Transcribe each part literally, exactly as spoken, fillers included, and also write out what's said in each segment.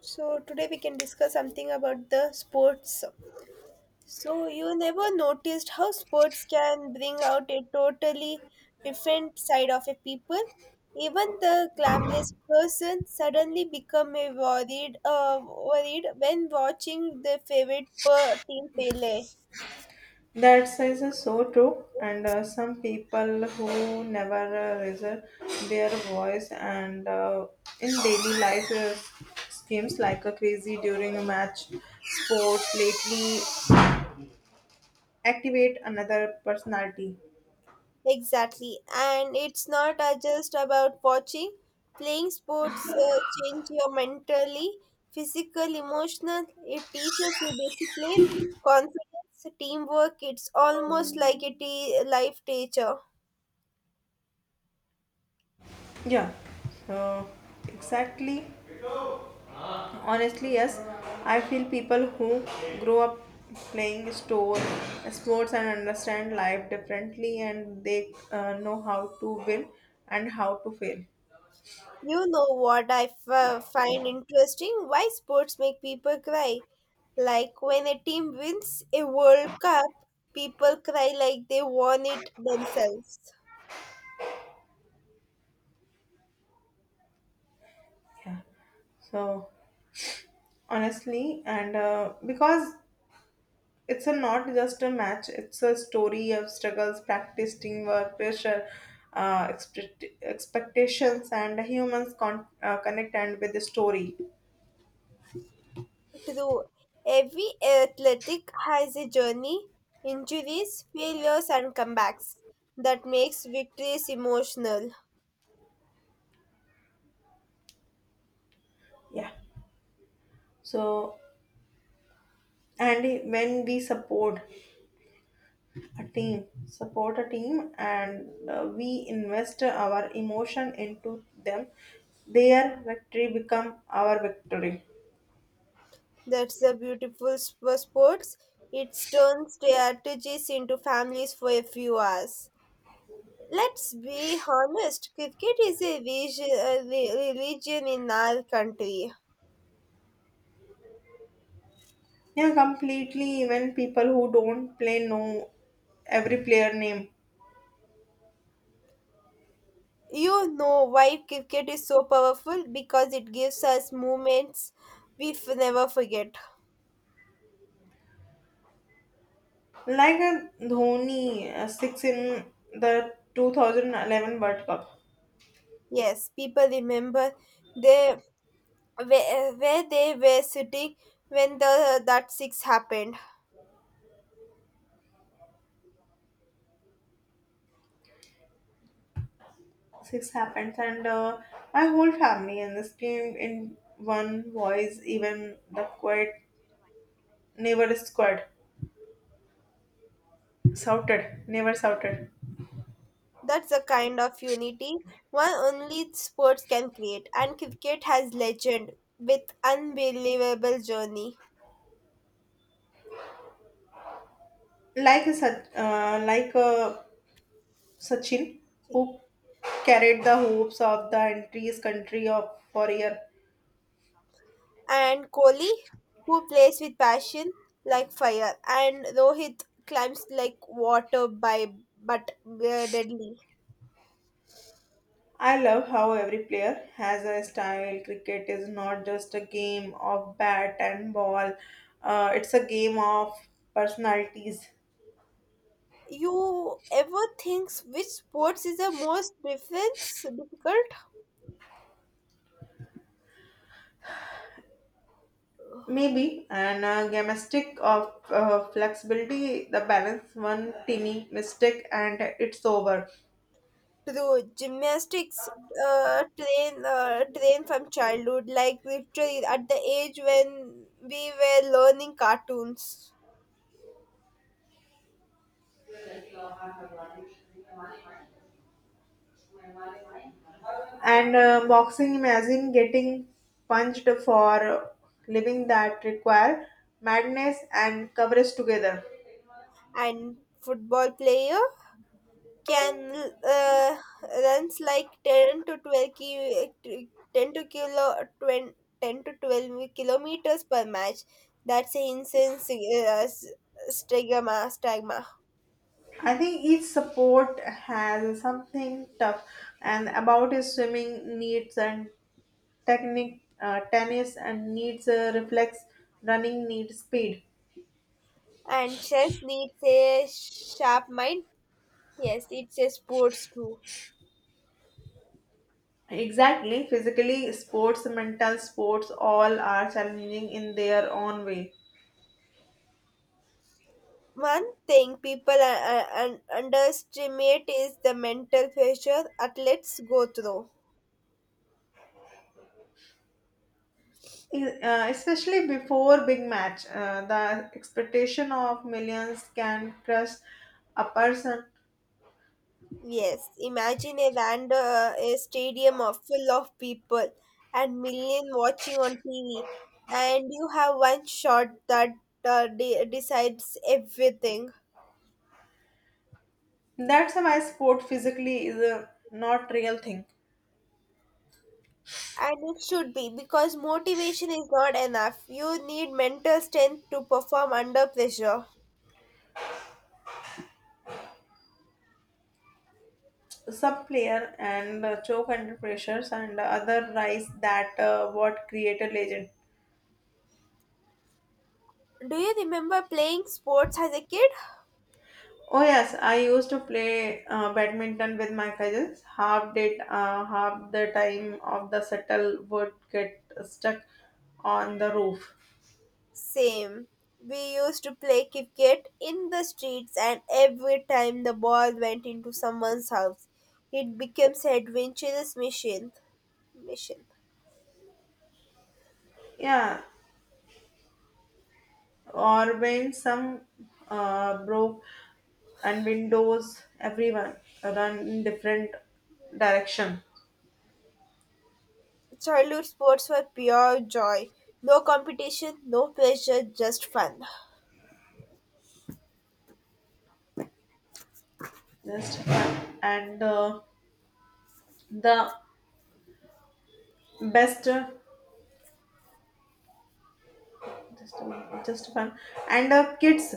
So today we can discuss something about the sports. So you never noticed how sports can bring out a totally different side of a people. Even the glamorous person suddenly become a worried, uh, worried when watching the favorite per- team play. That That is so true, and uh, some people who never uh, reserve their voice and uh, in daily life uh, schemes like a crazy during a match, sport lately activate another personality. Exactly. And it's not uh, just about watching. Playing sports uh, change your mentally, physical, emotional. It teaches you discipline, confidence, teamwork. It's almost like a te- life teacher. Yeah, uh, exactly. Honestly, yes, I feel people who grow up playing store sports and understand life differently, and they uh, know how to win and how to fail. You know what I f- uh, find interesting? Why sports make people cry? Like when a team wins a World Cup, people cry like they won it themselves. Yeah. So honestly, and uh, because it's a not just a match; it's a story of struggles, practice, teamwork, pressure, uh, expect- expectations, and humans con- uh, connect and with the story. True, every athletic has a journey, injuries, failures, and comebacks that makes victories emotional. Yeah. So and when we support a team, support a team, and uh, we invest our emotion into them, their victory become our victory. That's the beautiful sp- sports. It turns strategies into families for a few hours. Let's be honest, cricket is a religion, a re- religion in our country. Yeah, completely. Even people who don't play know every player name. You know why cricket is so powerful? Because it gives us moments we f- never forget. Like a Dhoni, uh, six in the two thousand eleven World Cup. Yes, people remember they where, where they were sitting when the that six happened. Six happens, and uh, my whole family and this team in one voice, even the quiet neighbor squad shouted, never shouted. That's the kind of unity one only sports can create, and cricket has legend with unbelievable journey. Like a, Sach- uh, like a Sachin, who carried the hopes of the entire country of for a year. And Kohli, who plays with passion like fire, and Rohit climbs like water by but uh, deadly. I love how every player has a style. Cricket is not just a game of bat and ball, uh, it's a game of personalities, You ever think which sports is the most difference difficult? maybe, and a gymnastic of uh, flexibility. The balance, one teeny mistake, and it's over. True, gymnastics uh, train uh, train from childhood, like literally at the age when we were learning cartoons. And uh, boxing, imagine getting punched for living that require madness and coverage together. And football player can uh, runs like ten to twelve ki- ten to kilo twen- ten to twelve kilometers per match. That's an insane sig- uh, s- stigma stigma. I think each sport has something tough, and about is swimming needs and technique, uh, tennis and needs uh, reflex, running needs speed. And chess needs a sharp mind. Yes, it's a sports too. Exactly. Physically, sports, mental sports, all are challenging in their own way. One thing people uh, uh, underestimate is the mental pressure athletes go through. E- uh, Especially before big match, uh, the expectation of millions can crush a person. Yes, imagine a band, uh, a stadium of full of people and million watching on T V, and you have one shot that uh, de- decides everything. That's why sport physically is a not real thing. And it should be because motivation is not enough. You need mental strength to perform under pressure. Some player and uh, choke under pressures, and other rise that uh, what created legend. Do you remember playing sports as a kid? Oh yes, I used to play uh, badminton with my cousins. Half did uh, half the time of the shuttle would get stuck on the roof. Same. We used to play cricket in the streets, and every time the ball went into someone's house, it becomes an adventurous mission. Mission. Yeah, or when some uh, broke and windows, everyone run in different direction. Childhood sports were pure joy. No competition, no pressure, just fun. Just yeah. And uh, the best, just a month, just fun, and uh, kids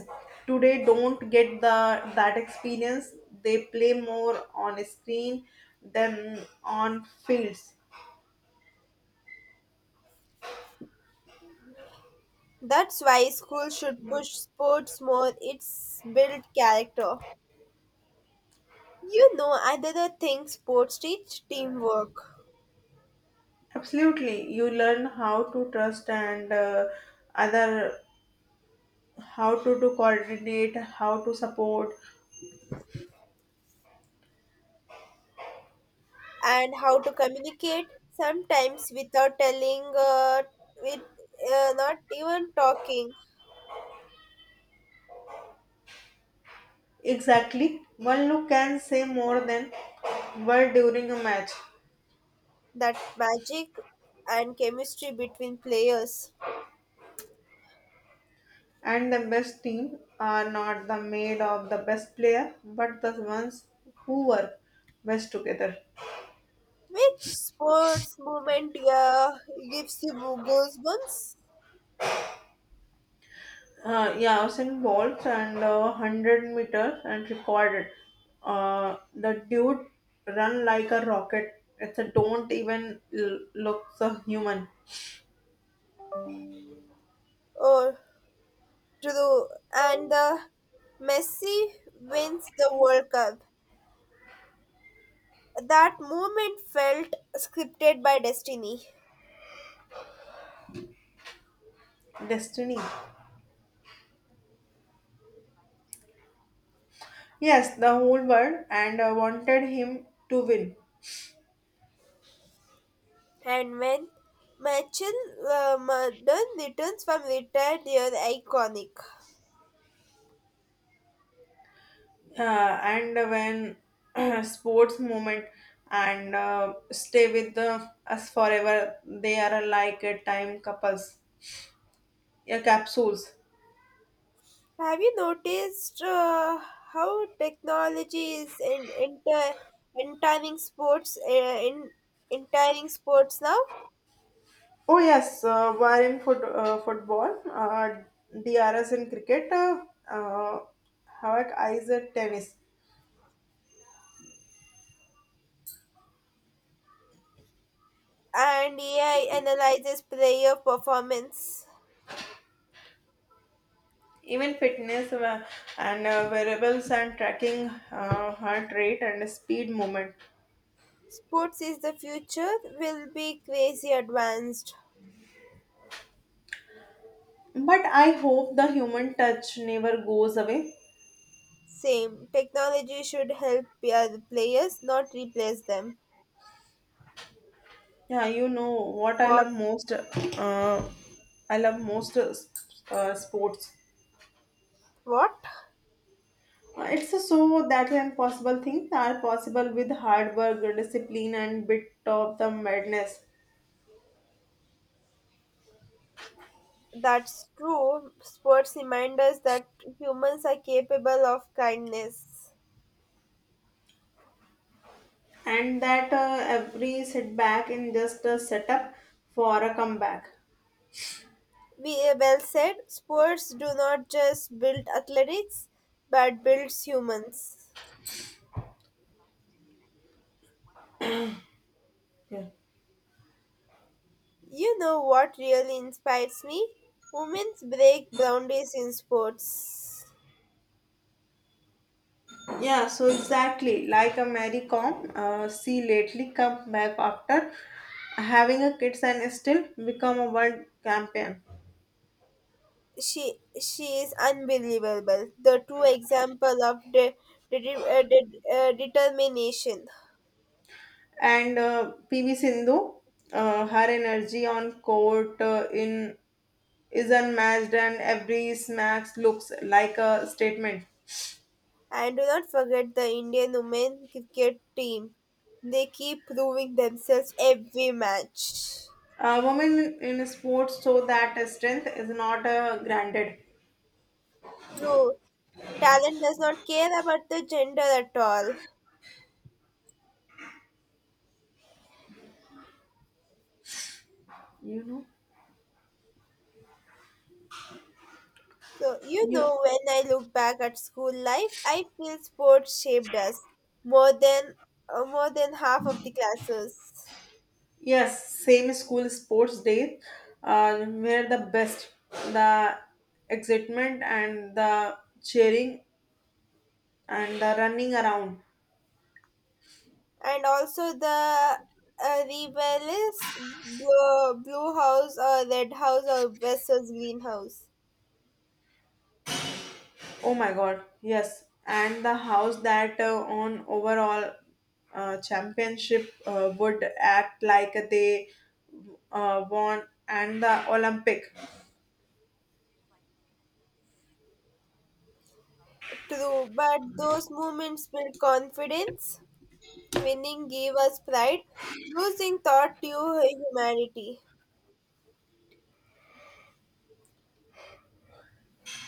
today don't get the that experience. They play more on a screen than on fields. That's why school should push sports more. It's built character. You know, another thing sports teach teamwork. Absolutely, you learn how to trust and uh, other, how to, to coordinate, how to support. And how to communicate sometimes without telling uh, with uh, not even talking. Exactly, one look can say more than word during a match. That magic and chemistry between players. And the best team are not the made of the best player, but the ones who work best together. Which sports moment, yeah, gives you goosebumps? Uh, yeah, I was involved and uh, one hundred meters and recorded. Uh, the dude run like a rocket. It's a don't even l- look so human. Or true. And the Messi wins the World Cup, that moment felt scripted by destiny. Destiny. Yes, the whole world and uh, wanted him to win. And when Michael uh, Madden returns from retired, they are iconic. uh, and when sports moment and uh, stay with the, us forever, they are like a time couples. Yeah, capsules. Have you noticed uh, how technology is in, enter, entering sports uh, in entering sports now? Oh yes, uh, were in foot, uh, football, uh, drs in cricket, uh, uh, havoc eyes at tennis. And A I analyzes player performance. Even fitness uh, and uh, variables and tracking uh, heart rate and speed movement. Sports is the future. Will be crazy advanced. But I hope the human touch never goes away. Same technology should help the other players, not replace them. Yeah, you know what I What? love most. Uh, I love most uh, s- uh, sports. What? Uh, It's so that impossible things are possible with hard work, discipline, and bit of the madness. That's true. Sports remind us that humans are capable of kindness. And that uh, every setback in just a setup for a comeback. We well said. Sports do not just build athletics, but builds humans. Yeah. You know what really inspires me? Women's break boundaries in sports. Yeah, so exactly like a Mary Kom, uh, she lately come back after having a kids and still become a world champion. She she is unbelievable. The two example of de- de- de- uh, de- uh, determination. And uh, P V Sindhu, uh, her energy on court uh, in is unmatched, and every smacks looks like a statement. And do not forget the Indian women cricket team. They keep proving themselves every match. A woman in sports show that strength is not uh, granted. True, talent does not care about the gender at all. You know, So, you you, know, when I look back at school life, I feel sports shaped us more than uh, more than half of the classes. yes, same school sports day, uh, where the best, the excitement and the cheering and the running around. And also the uh, rebellious blue, blue house or red house or versus green house. Oh my god, yes. And the house that uh, on overall uh, championship uh, would act like they uh, won and the Olympic. True, but those moments built confidence. Winning gave us pride. Losing taught you humanity.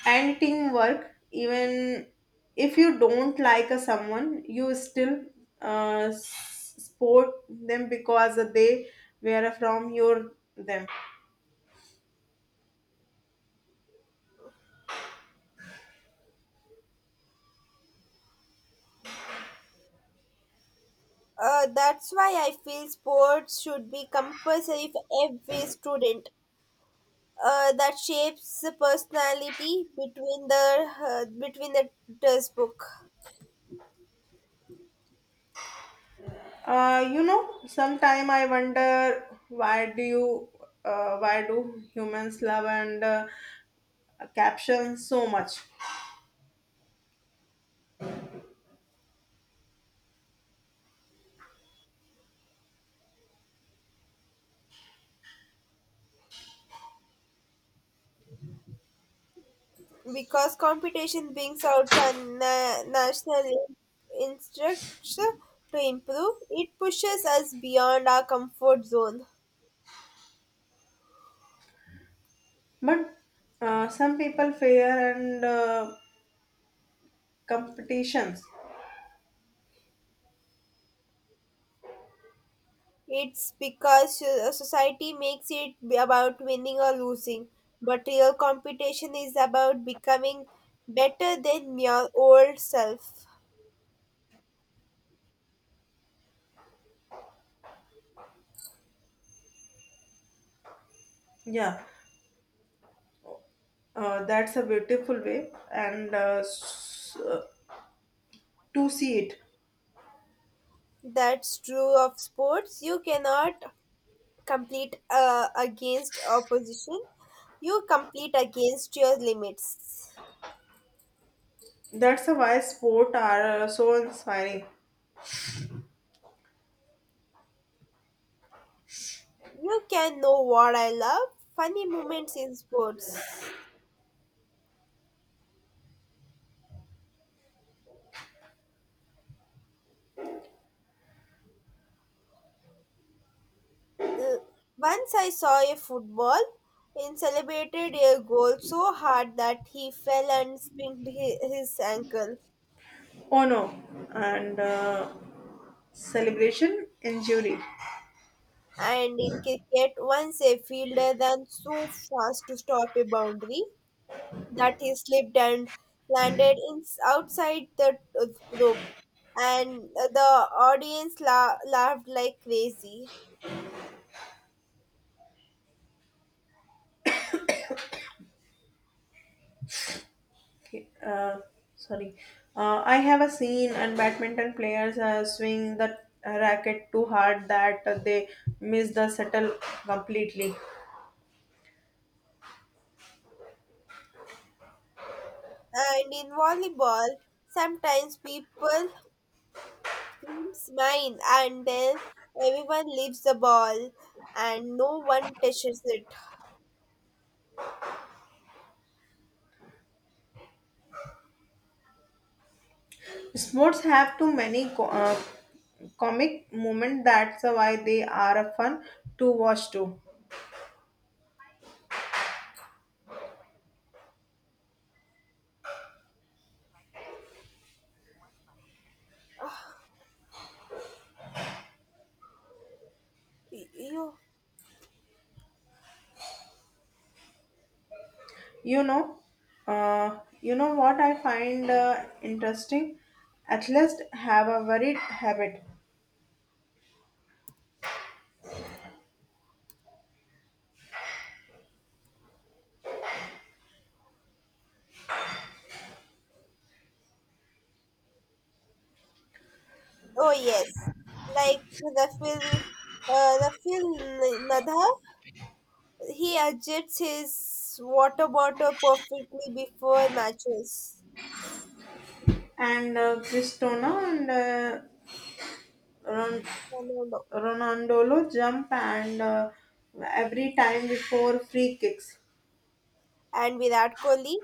And teamwork, even if you don't like uh, someone, you still uh, s- support them because they were from your them. Uh, that's why I feel sports should be compulsory for every student. Uh, that shapes the personality between the uh, between the textbook Uh, you know, sometime I wonder why do you uh, why do humans love and uh, uh, caption so much. because competition brings out a na- national in- instructor to improve. It pushes us beyond our comfort zone. But uh, some people fear and uh, competitions. It's because so- society makes it be about winning or losing, but real competition is about becoming better than your old self. Yeah, uh, that's a beautiful way and uh, s- uh, to see it. That's true of sports. You cannot compete uh, against opposition. You compete against your limits. That's a why sport are uh, so inspiring. You can know what I love. Funny moments in sports. Uh, once I saw a football and celebrated a goal so hard that he fell and sprained hi- his ankle. Oh no, and uh, celebration injury. And in cricket, once a fielder ran so fast to stop a boundary that he slipped and landed in outside the uh, rope, and uh, the audience la- laughed like crazy. Okay, uh, sorry. Uh, I have a scene and badminton players uh, swing the racket too hard that they miss the settle completely. And in volleyball, sometimes people seems mine, and then everyone leaves the ball and no one touches it. Sports have too many co- uh, comic moments. That's why they are a fun to watch too. Y- You, You know, uh, you know what I find uh, interesting. Athletes have a varied habit, oh yes, like Rafil, uh, Rafil Nadha. He adjusts his water bottle perfectly before matches. and uh, Cristiano and uh, Ron- No, no, no. Ronaldo jump and uh, every time before free kicks. And Virat Kohli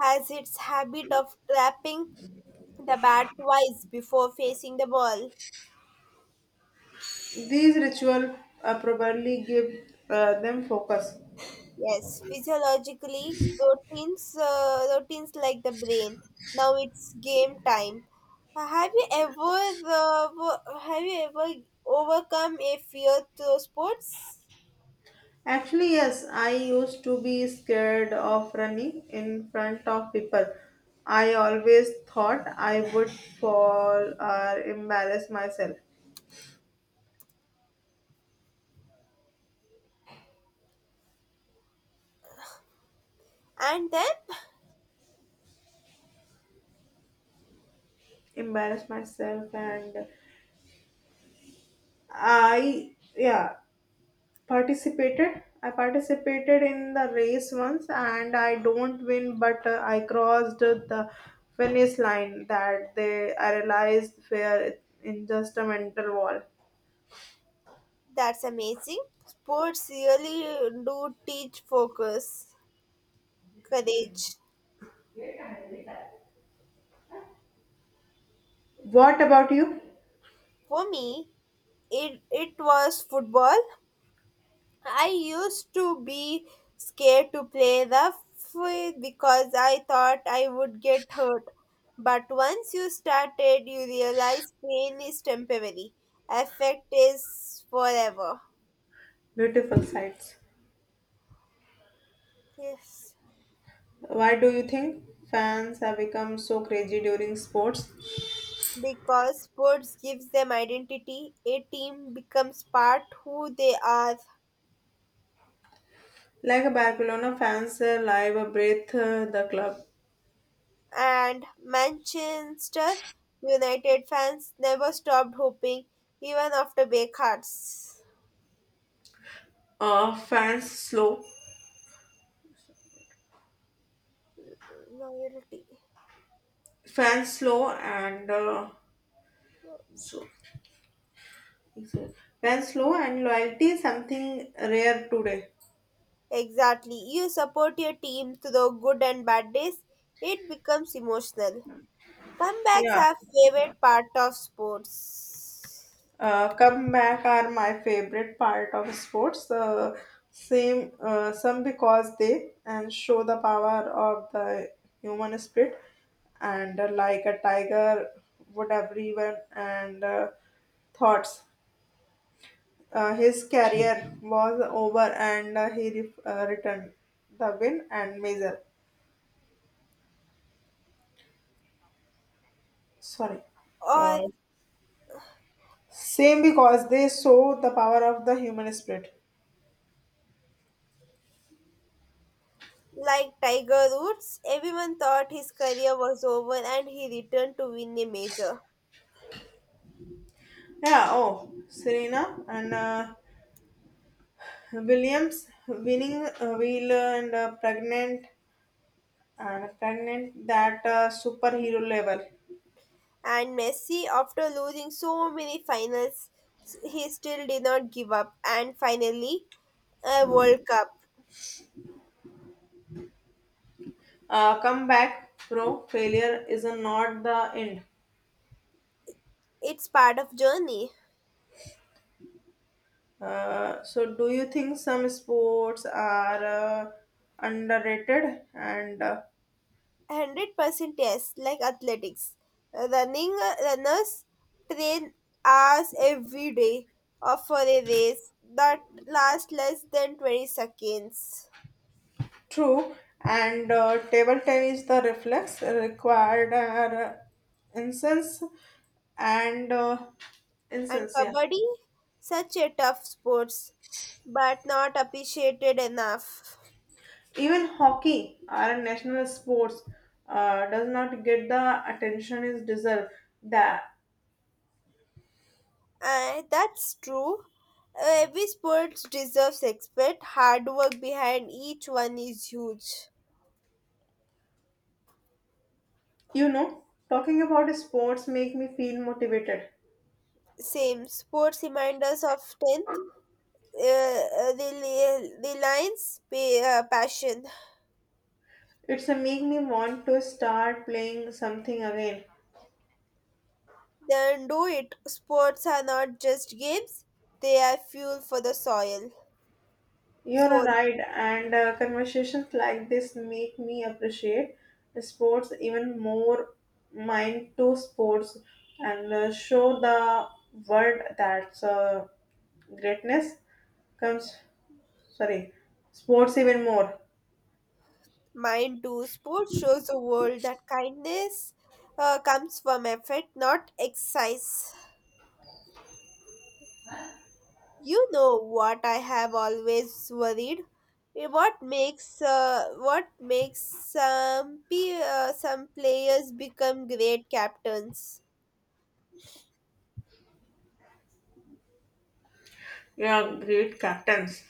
has its habit of trapping the bat twice before facing the ball. These ritual uh, probably give uh, them focus. Yes, physiologically, routines, uh, routines like the brain. Now it's game time. Uh, Have you ever, uh, wo- have you ever overcome a fear through sports? Actually, yes, I used to be scared of running in front of people. I always thought I would fall or embarrass myself. And then, Embarrass myself, and I, yeah, participated. I participated in the race once and I don't win, but uh, I crossed the finish line that they, I realized were in just a mental wall. that's amazing. Sports really do teach focus, courage. What about you? For me, it it was football. I used to be scared to play rough with because I thought I would get hurt. But once you started, you realize pain is temporary, effect is forever. Beautiful sights. Yes, Why do you think fans have become so crazy during sports? because sports gives them identity, a team becomes part who they are, Like Barcelona fans uh, live a breath uh, the club. and Manchester United fans never stopped hoping even after breakhearts. Uh, fans slow, Loyalty. fans slow and uh, so, so- fans slow and loyalty is something rare today. Exactly. You support your team through good and bad days. It becomes emotional. Comebacks Yeah, are favorite part of sports. uh, comeback are my favorite part of sports. Uh, same, uh, some because they and show the power of the human spirit, and uh, like a tiger would everyone and uh, thoughts. Uh, his career was over, and uh, he re- uh, returned the win and measure. Sorry. Or Uh, same because they show the power of the human spirit. like Tiger Woods, everyone thought his career was over and he returned to win a major. Yeah, oh, Serena and uh, Williams winning uh, wheel and uh, pregnant and pregnant that uh, superhero level. And Messi, after losing so many finals, he still did not give up and finally a World Cup. Uh, come back, bro. Failure is not the end. It's part of journey. Uh, so, do you think some sports are uh, underrated and uh, One hundred percent, yes, like athletics. Running runners train hours every day or for a race that lasts less than twenty seconds. true? And uh, table tennis, the reflex required are uh, incense and uh, And incense, yeah. kabaddi, such a tough sport, but not appreciated enough. Even hockey, our national sports, uh, does not get the attention is deserved. That, Uh, that's true. Uh, every sport deserves respect. Hard work behind each one is huge. you know, talking about sports make me feel motivated. Same sports remind us of strength uh, uh, the, li- the Lions' pay, uh, passion. It's a make me want to start playing something again. Then do it. Sports are not just games, they are fuel for the soil. You're Soul, right, and uh, conversations like this make me appreciate sports even more, mind to sports, and uh, show the world that uh, greatness comes, sorry, sports even more. mind too. Sports shows the world that kindness uh, comes from effort, not exercise. You know what I have always worried? Eh, what makes uh, what makes some pe- uh, some players become great captains? Yeah, great captains.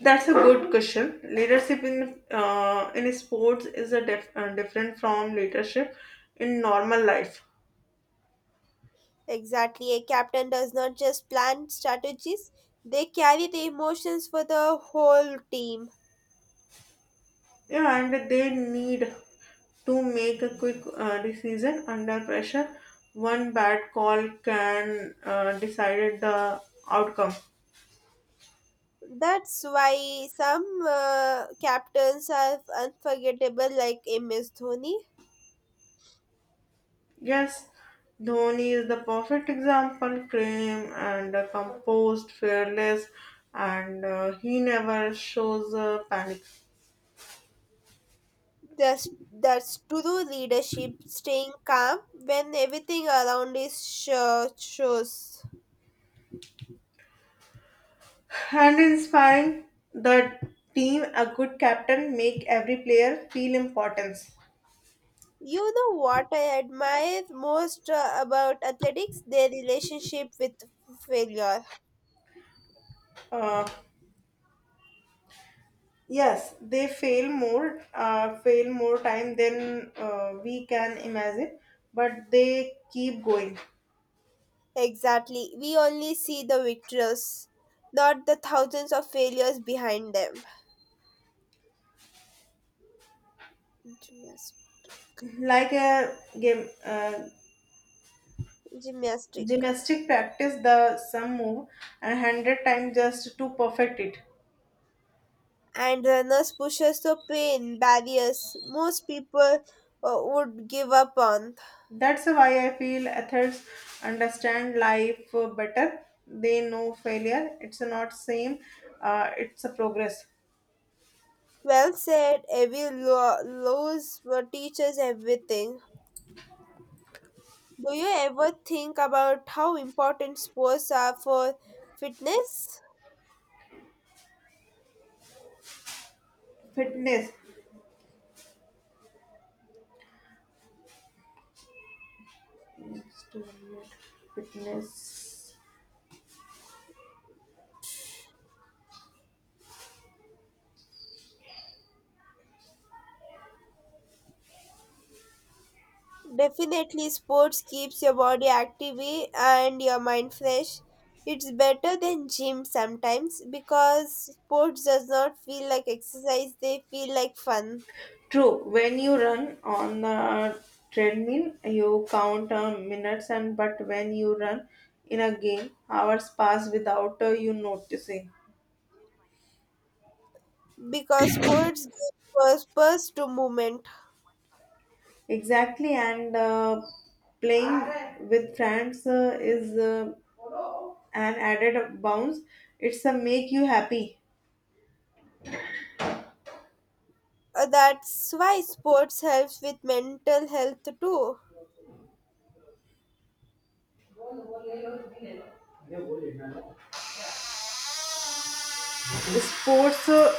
That's a good question. Leadership in uh, in sports is a def- uh, different from leadership in normal life. Exactly. A captain does not just plan strategies, they carry the emotions for the whole team. Yeah, and they need to make a quick uh, decision under pressure. One bad call can uh, decide the outcome. That's why some uh, captains are unforgettable, like M S Dhoni. Yes, Dhoni is the perfect example, calm and uh, composed, fearless, and uh, he never shows uh, panic. That's, that's true leadership, staying calm when everything around is sure shows. And inspiring the team, a good captain make every player feel importance. You know what I admire most uh, about athletics? Their relationship with failure. Uh, Yes, they fail more, uh, fail more time than uh, we can imagine, but they keep going. Exactly. We only see the victors, not the thousands of failures behind them. Gymnast- Like a game, uh, Gymnastic. gymnastic practice the some move and hundred times just to perfect it. And runners pushes through pain, barriers most people uh, would give up on. That's why I feel athletes understand life uh, better. They know failure. It's not same. Uh, it's a progress. Well said, every lo- lose teaches everything. Do you ever think about how important sports are for fitness? Fitness. Fitness. Definitely, sports keeps your body active and your mind fresh. It's better than gym sometimes because sports does not feel like exercise, they feel like fun. True, when you run on the treadmill, you count uh, minutes, and but when you run in a game, hours pass without uh, you noticing. Because sports give purpose to movement. Exactly, and uh, playing with friends uh, is uh, an added bounce. It's a make you happy. Uh, That's why sports helps with mental health too. Sports, uh,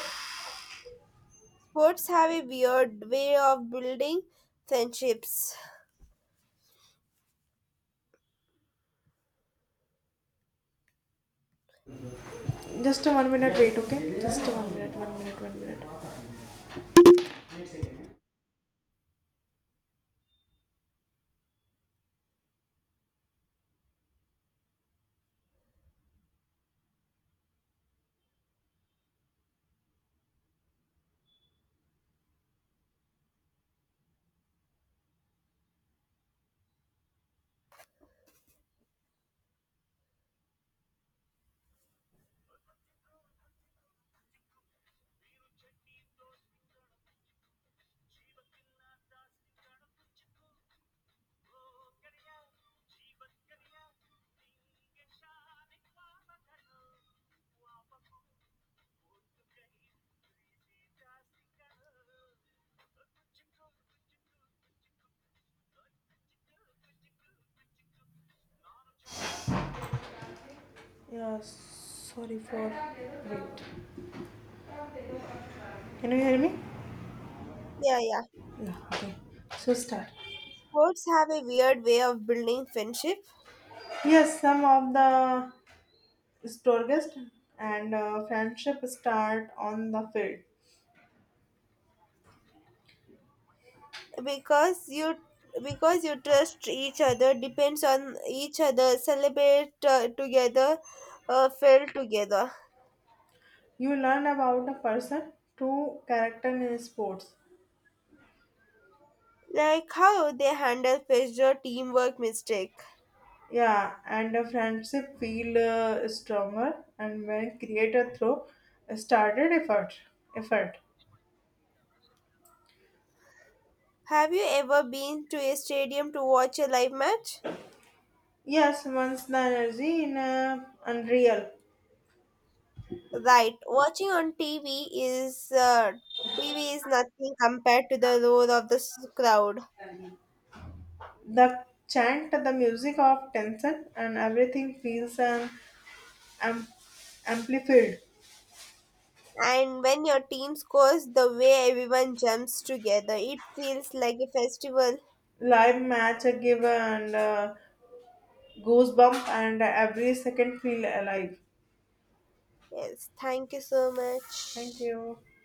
Sports have a weird way of building friendships. just a one minute wait, okay? Just a one minute, one minute, one minute. Yeah, sorry for wait. Can you hear me? Yeah, yeah. Yeah, okay. So start. Sports have a weird way of building friendship Yes, some of the strongest and uh, friendship start on the field. because you because you trust each other, depends on each other, celebrate uh, together, uh, fail together. You learn about a person, true character in sports. Like how they handle pressure, teamwork, mistake. Yeah, and a friendship feel uh, stronger and when created through started effort. Effort. Have you ever been to a stadium to watch a live match? Yes, once the energy in a unreal. Right, watching on T V is uh, T V is nothing compared to the roar of the s- crowd. The chant, the music of tension, and everything feels um, am- amplified. And when your team scores, the way everyone jumps together, it feels like a festival. Live match a give and uh, goosebump and every second feel alive. Yes, thank you so Thank much. you.